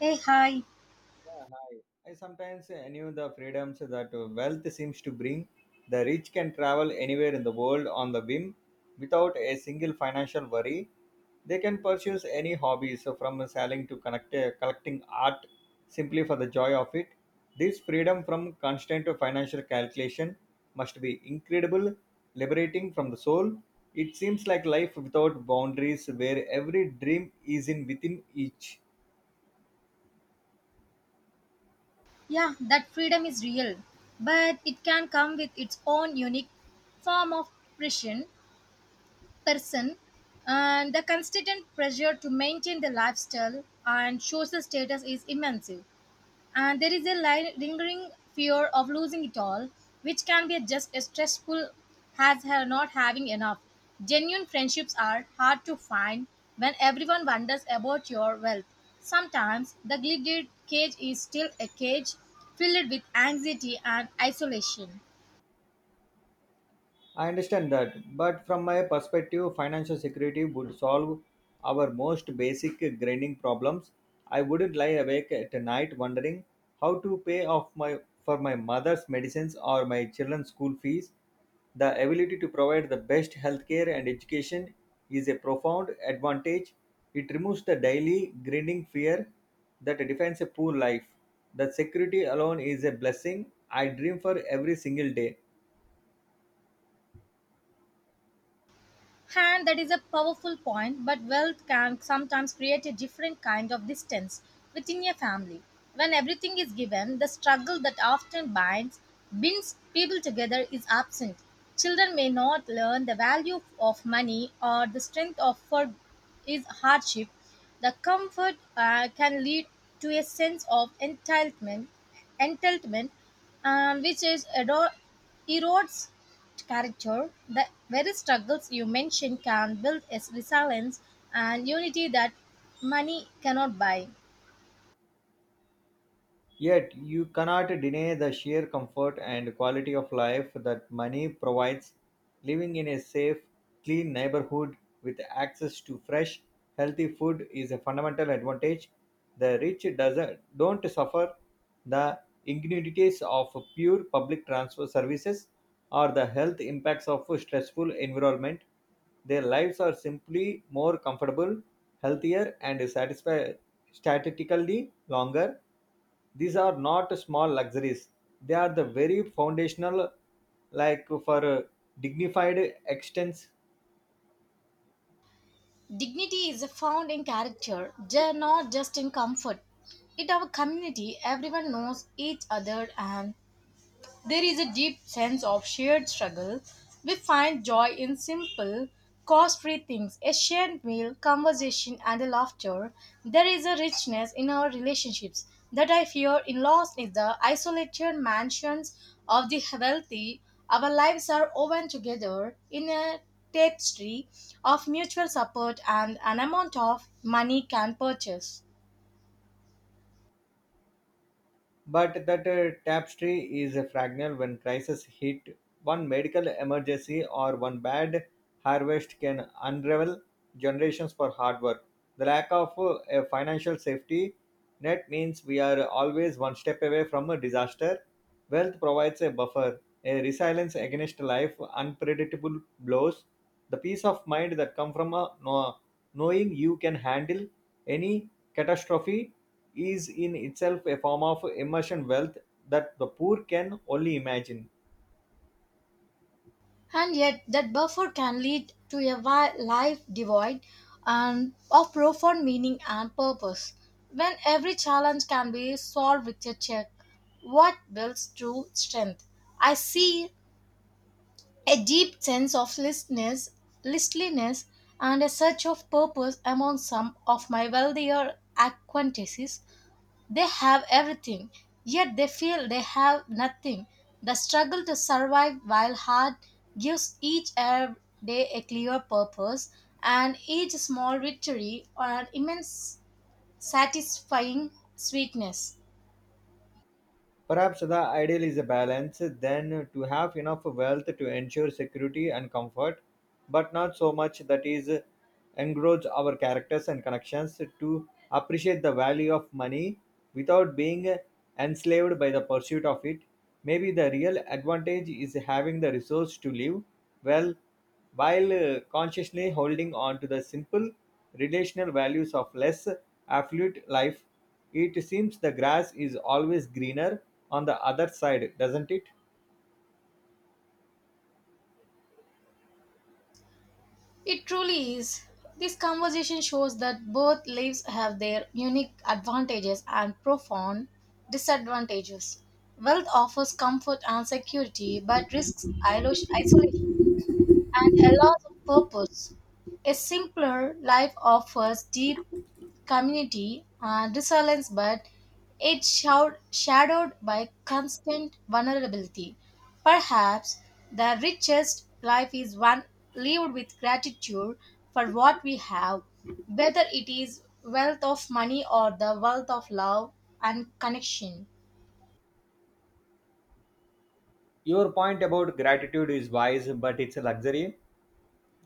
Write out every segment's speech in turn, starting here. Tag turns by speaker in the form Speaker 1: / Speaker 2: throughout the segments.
Speaker 1: Hey, hi.
Speaker 2: Yeah, hi. I sometimes knew the freedoms that wealth seems to bring. The rich can travel anywhere in the world on the whim without a single financial worry. They can pursue any hobbies so from selling to collecting art simply for the joy of it. This freedom from constant financial calculation must be incredible, liberating from the soul. It seems like life without boundaries where every dream is in within each.
Speaker 1: Yeah, that freedom is real, but it can come with its own unique form of pressure, person, and the constant pressure to maintain the lifestyle and social status is immense. And there is a lingering fear of losing it all, which can be just as stressful as not having enough. Genuine friendships are hard to find when everyone wonders about your wealth. Sometimes the gilded cage is still a cage filled with anxiety and isolation.
Speaker 2: I understand that, but from my perspective, financial security would solve our most basic grinding problems. I wouldn't lie awake at night wondering how to pay off my for my mother's medicines or my children's school fees. The ability to provide the best healthcare and education is a profound advantage. It removes the daily grinding fear that defines a poor life. The security alone is a blessing I dream for every single day.
Speaker 1: And that is a powerful point, but wealth can sometimes create a different kind of distance within a family. When everything is given, the struggle that often binds people together is absent. Children may not learn the value of money or the strength of for is hardship. The comfort can lead to a sense of entitlement, which is erodes character, the very struggles you mentioned can build a resilience and unity that money cannot buy.
Speaker 2: Yet, you cannot deny the sheer comfort and quality of life that money provides. Living in a safe, clean neighborhood with access to fresh, healthy food is a fundamental advantage. The rich doesn't, don't suffer the indignities of pure public transfer services or the health impacts of a stressful environment. Their lives are simply more comfortable, healthier, and statistically longer. These are not small luxuries; they are the very foundational like for a dignified extents.
Speaker 1: Dignity is found in character, not just in comfort. In our community, everyone knows each other and there is a deep sense of shared struggle. We find joy in simple, cost free things, a shared meal, conversation, and the laughter. There is a richness in our relationships that I fear in lost in the isolated mansions of the wealthy. Our lives are woven together in a tapestry of mutual support and an amount of money can purchase.
Speaker 2: But that tapestry is fragile when crisis hit. One medical emergency or one bad harvest can unravel generations for hard work. The lack of a financial safety net means we are always one step away from a disaster. Wealth provides a buffer, a resilience against life unpredictable blows, the peace of mind that comes from knowing you can handle any catastrophe is in itself a form of immersion wealth that the poor can only imagine.
Speaker 1: And yet, that buffer can lead to a life devoid and of profound meaning and purpose. When every challenge can be solved with a check, what builds true strength? I see a deep sense of listlessness and a search of purpose among some of my wealthier acquaintances they have everything, yet they feel they have nothing. The struggle to survive while hard gives each Arab day a clear purpose, and each small victory or an immense satisfying sweetness.
Speaker 2: Perhaps the ideal is a balance, then to have enough wealth to ensure security and comfort, but not so much that is engross our characters and connections to appreciate the value of money without being enslaved by the pursuit of it. Maybe the real advantage is having the resource to live well while consciously holding on to the simple, relational values of less affluent life. It seems the grass is always greener on the other side, doesn't it?
Speaker 1: It truly is. This conversation shows that both lives have their unique advantages and profound disadvantages. Wealth offers comfort and security but risks isolation and a loss of purpose. A simpler life offers deep community and resilience, but it's shadowed by constant vulnerability. Perhaps the richest life is one lived with gratitude for what we have, whether it is wealth of money or the wealth of love and connection.
Speaker 2: Your point about gratitude is wise, but it's a luxury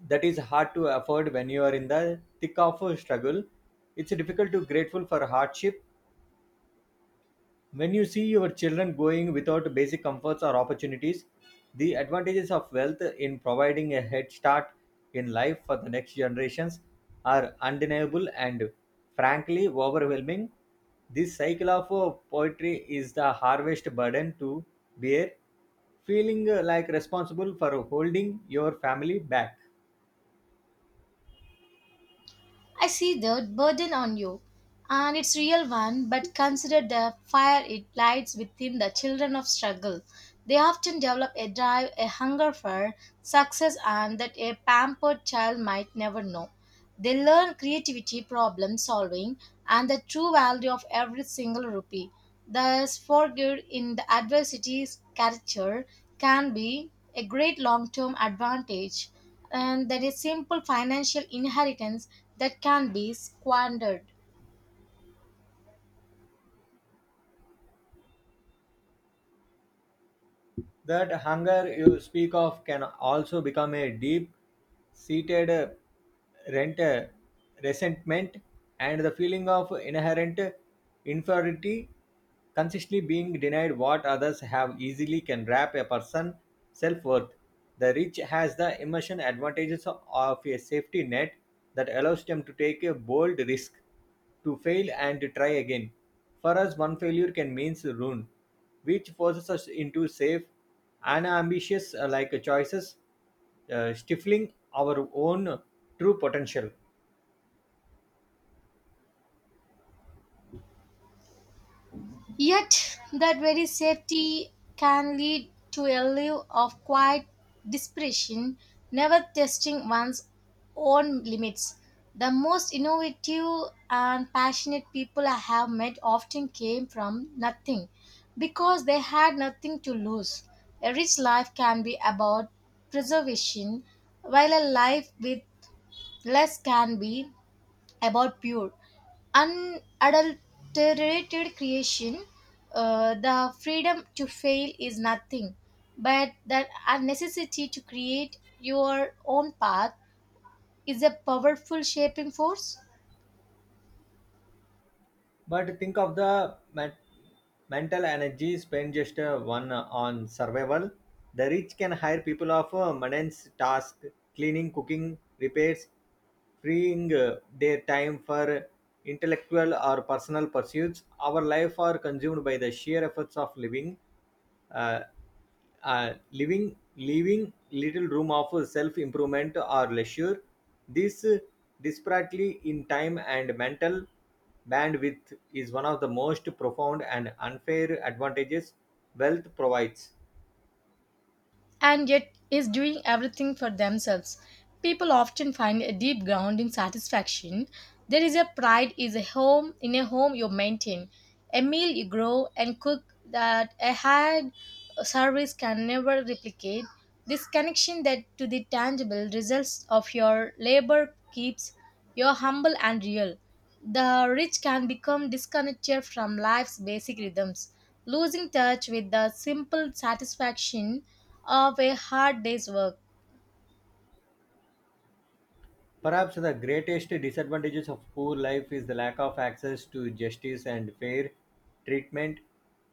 Speaker 2: that is hard to afford when you are in the thick of a struggle. It's difficult to grateful for hardship when you see your children going without basic comforts or opportunities. The advantages of wealth in providing a head start in life for the next generations are undeniable and frankly overwhelming. This cycle of poetry is the harvest burden to bear, feeling like responsible for holding your family back.
Speaker 1: I see the burden on you, and it's real one. But consider the fire it lights within the children of struggle. They often develop a drive, a hunger for success, and that a pampered child might never know. They learn creativity, problem solving, and the true value of every single rupee. Thus, forgived in the adversity's character can be a great long-term advantage and there is simple financial inheritance that can be squandered.
Speaker 2: That hunger you speak of can also become a deep seated rent resentment and the feeling of inherent inferiority consistently being denied what others have easily can wrap a person's self-worth. The rich has the emotional advantages of a safety net that allows them to take a bold risk to fail and to try again. For us, one failure can mean ruin, which forces us into safe and ambitious like choices, stifling our own true potential.
Speaker 1: Yet, that very safety can lead to a life of quiet desperation, never testing one's own limits. The most innovative and passionate people I have met often came from nothing because they had nothing to lose. A rich life can be about preservation, while a life with less can be about pure, unadulterated creation, the freedom to fail is nothing, but the necessity to create your own path is a powerful shaping force.
Speaker 2: But think of the mental energy spent just one on survival. The rich can hire people of maintenance tasks, cleaning, cooking, repairs, freeing their time for intellectual or personal pursuits. Our life are consumed by the sheer efforts of living uh, leaving little room of self improvement or leisure. This disparately in time and mental bandwidth is one of the most profound and unfair advantages wealth provides.
Speaker 1: And yet is doing everything for themselves. People often find a deep grounding satisfaction. There is a pride is a home in a home you maintain, a meal you grow and cook that a hard service can never replicate. This connection that to the tangible results of your labor keeps you humble and real. The rich can become disconnected from life's basic rhythms, losing touch with the simple satisfaction of a hard day's work.
Speaker 2: Perhaps the greatest disadvantages of poor life is the lack of access to justice and fair treatment.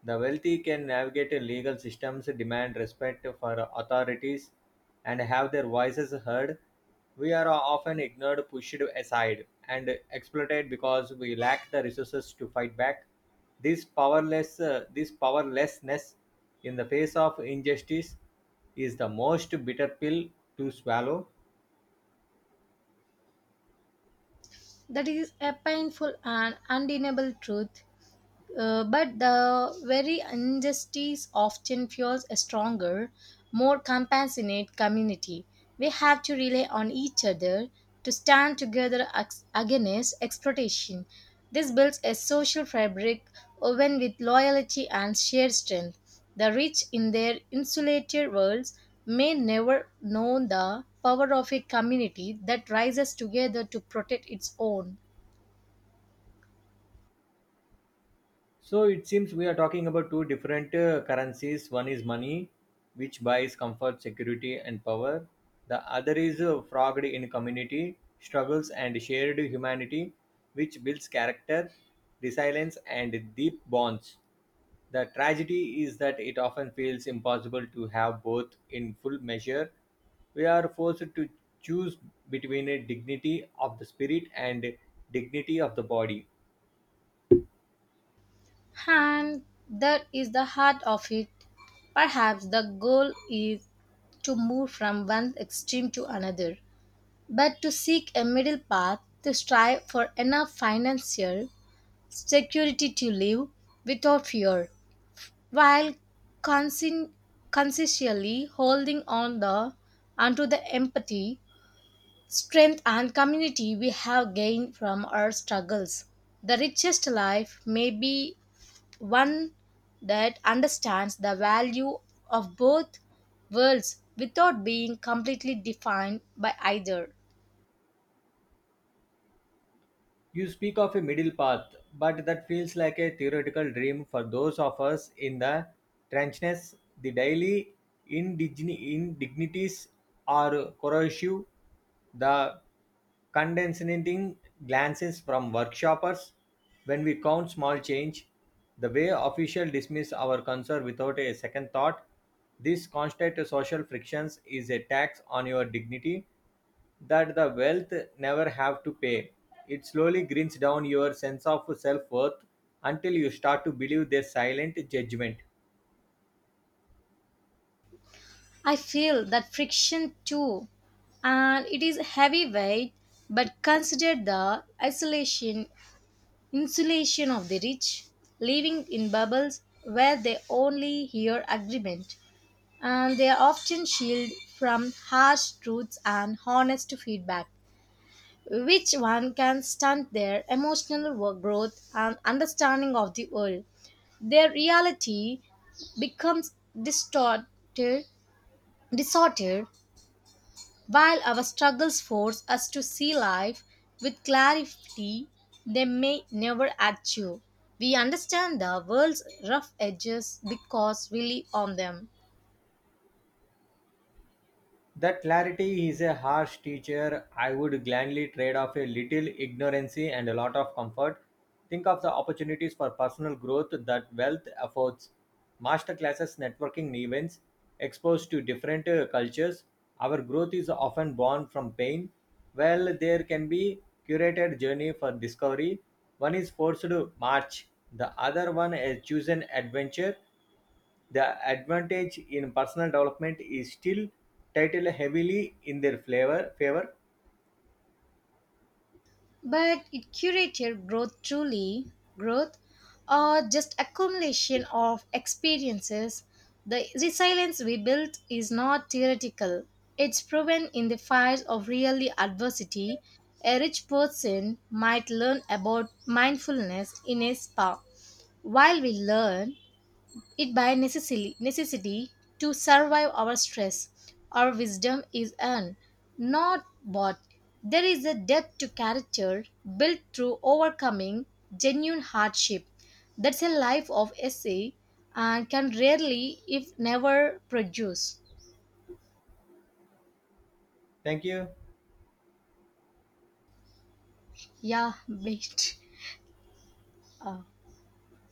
Speaker 2: The wealthy can navigate legal systems, demand respect for authorities, and have their voices heard. We are often ignored, pushed aside, and exploited because we lack the resources to fight back. This powerlessness in the face of injustice is the most bitter pill to swallow.
Speaker 1: That is a painful and undeniable truth. But the very injustice often fuels a stronger, more compassionate community. We have to rely on each other to stand together against exploitation. This builds a social fabric woven with loyalty and shared strength. The rich in their insulated worlds may never know the power of a community that rises together to protect its own.
Speaker 2: So it seems we are talking about two different currencies. One is money, which buys comfort, security, and power. The other is frogged in community, struggles, and shared humanity, which builds character, resilience, and deep bonds. The tragedy is that it often feels impossible to have both in full measure. We are forced to choose between a dignity of the spirit and dignity of the body.
Speaker 1: And that is the heart of it. Perhaps the goal is to move from one extreme to another, but to seek a middle path to strive for enough financial security to live without fear, while conscien- consciously holding on the onto the empathy, strength, and community we have gained from our struggles. The richest life may be one that understands the value of both worlds without being completely defined by either.
Speaker 2: You speak of a middle path, but that feels like a theoretical dream for those of us in the trenchness. The daily indignities are corrosive. The condescending glances from workshoppers when we count small change, the way officials dismiss our concern without a second thought. This constant social frictions is a tax on your dignity that the wealth never have to pay. It slowly grinds down your sense of self worth until you start to believe their silent judgment.
Speaker 1: I feel that friction too, and it is heavyweight, but consider the isolation, insulation of the rich, living in bubbles where they only hear agreement, and they are often shielded from harsh truths and honest feedback. Which one can stunt their emotional growth and understanding of the world. Their reality becomes distorted, distorted while our struggles force us to see life with clarity they may never achieve. We understand the world's rough edges because we live on them.
Speaker 2: That clarity is a harsh teacher. I would gladly trade off a little ignorancy and a lot of comfort. Think of the opportunities for personal growth that wealth affords. Master classes, networking events, exposed to different cultures. Our growth is often born from pain. Well, there can be curated journey for discovery. One is forced to march, the other one a chosen adventure. The advantage in personal development is still titled heavily in their flavor favor.
Speaker 1: But it curated growth truly growth or just accumulation of experiences. The resilience we built is not theoretical. It's proven in the fires of real adversity. A rich person might learn about mindfulness in a spa, while we learn it by necessity to survive our stress. Our wisdom is earned, not bought. There is a depth to character built through overcoming genuine hardship. That's a life of essay and can rarely, if never, produce.
Speaker 2: Thank you.
Speaker 1: Yeah, mate. Uh,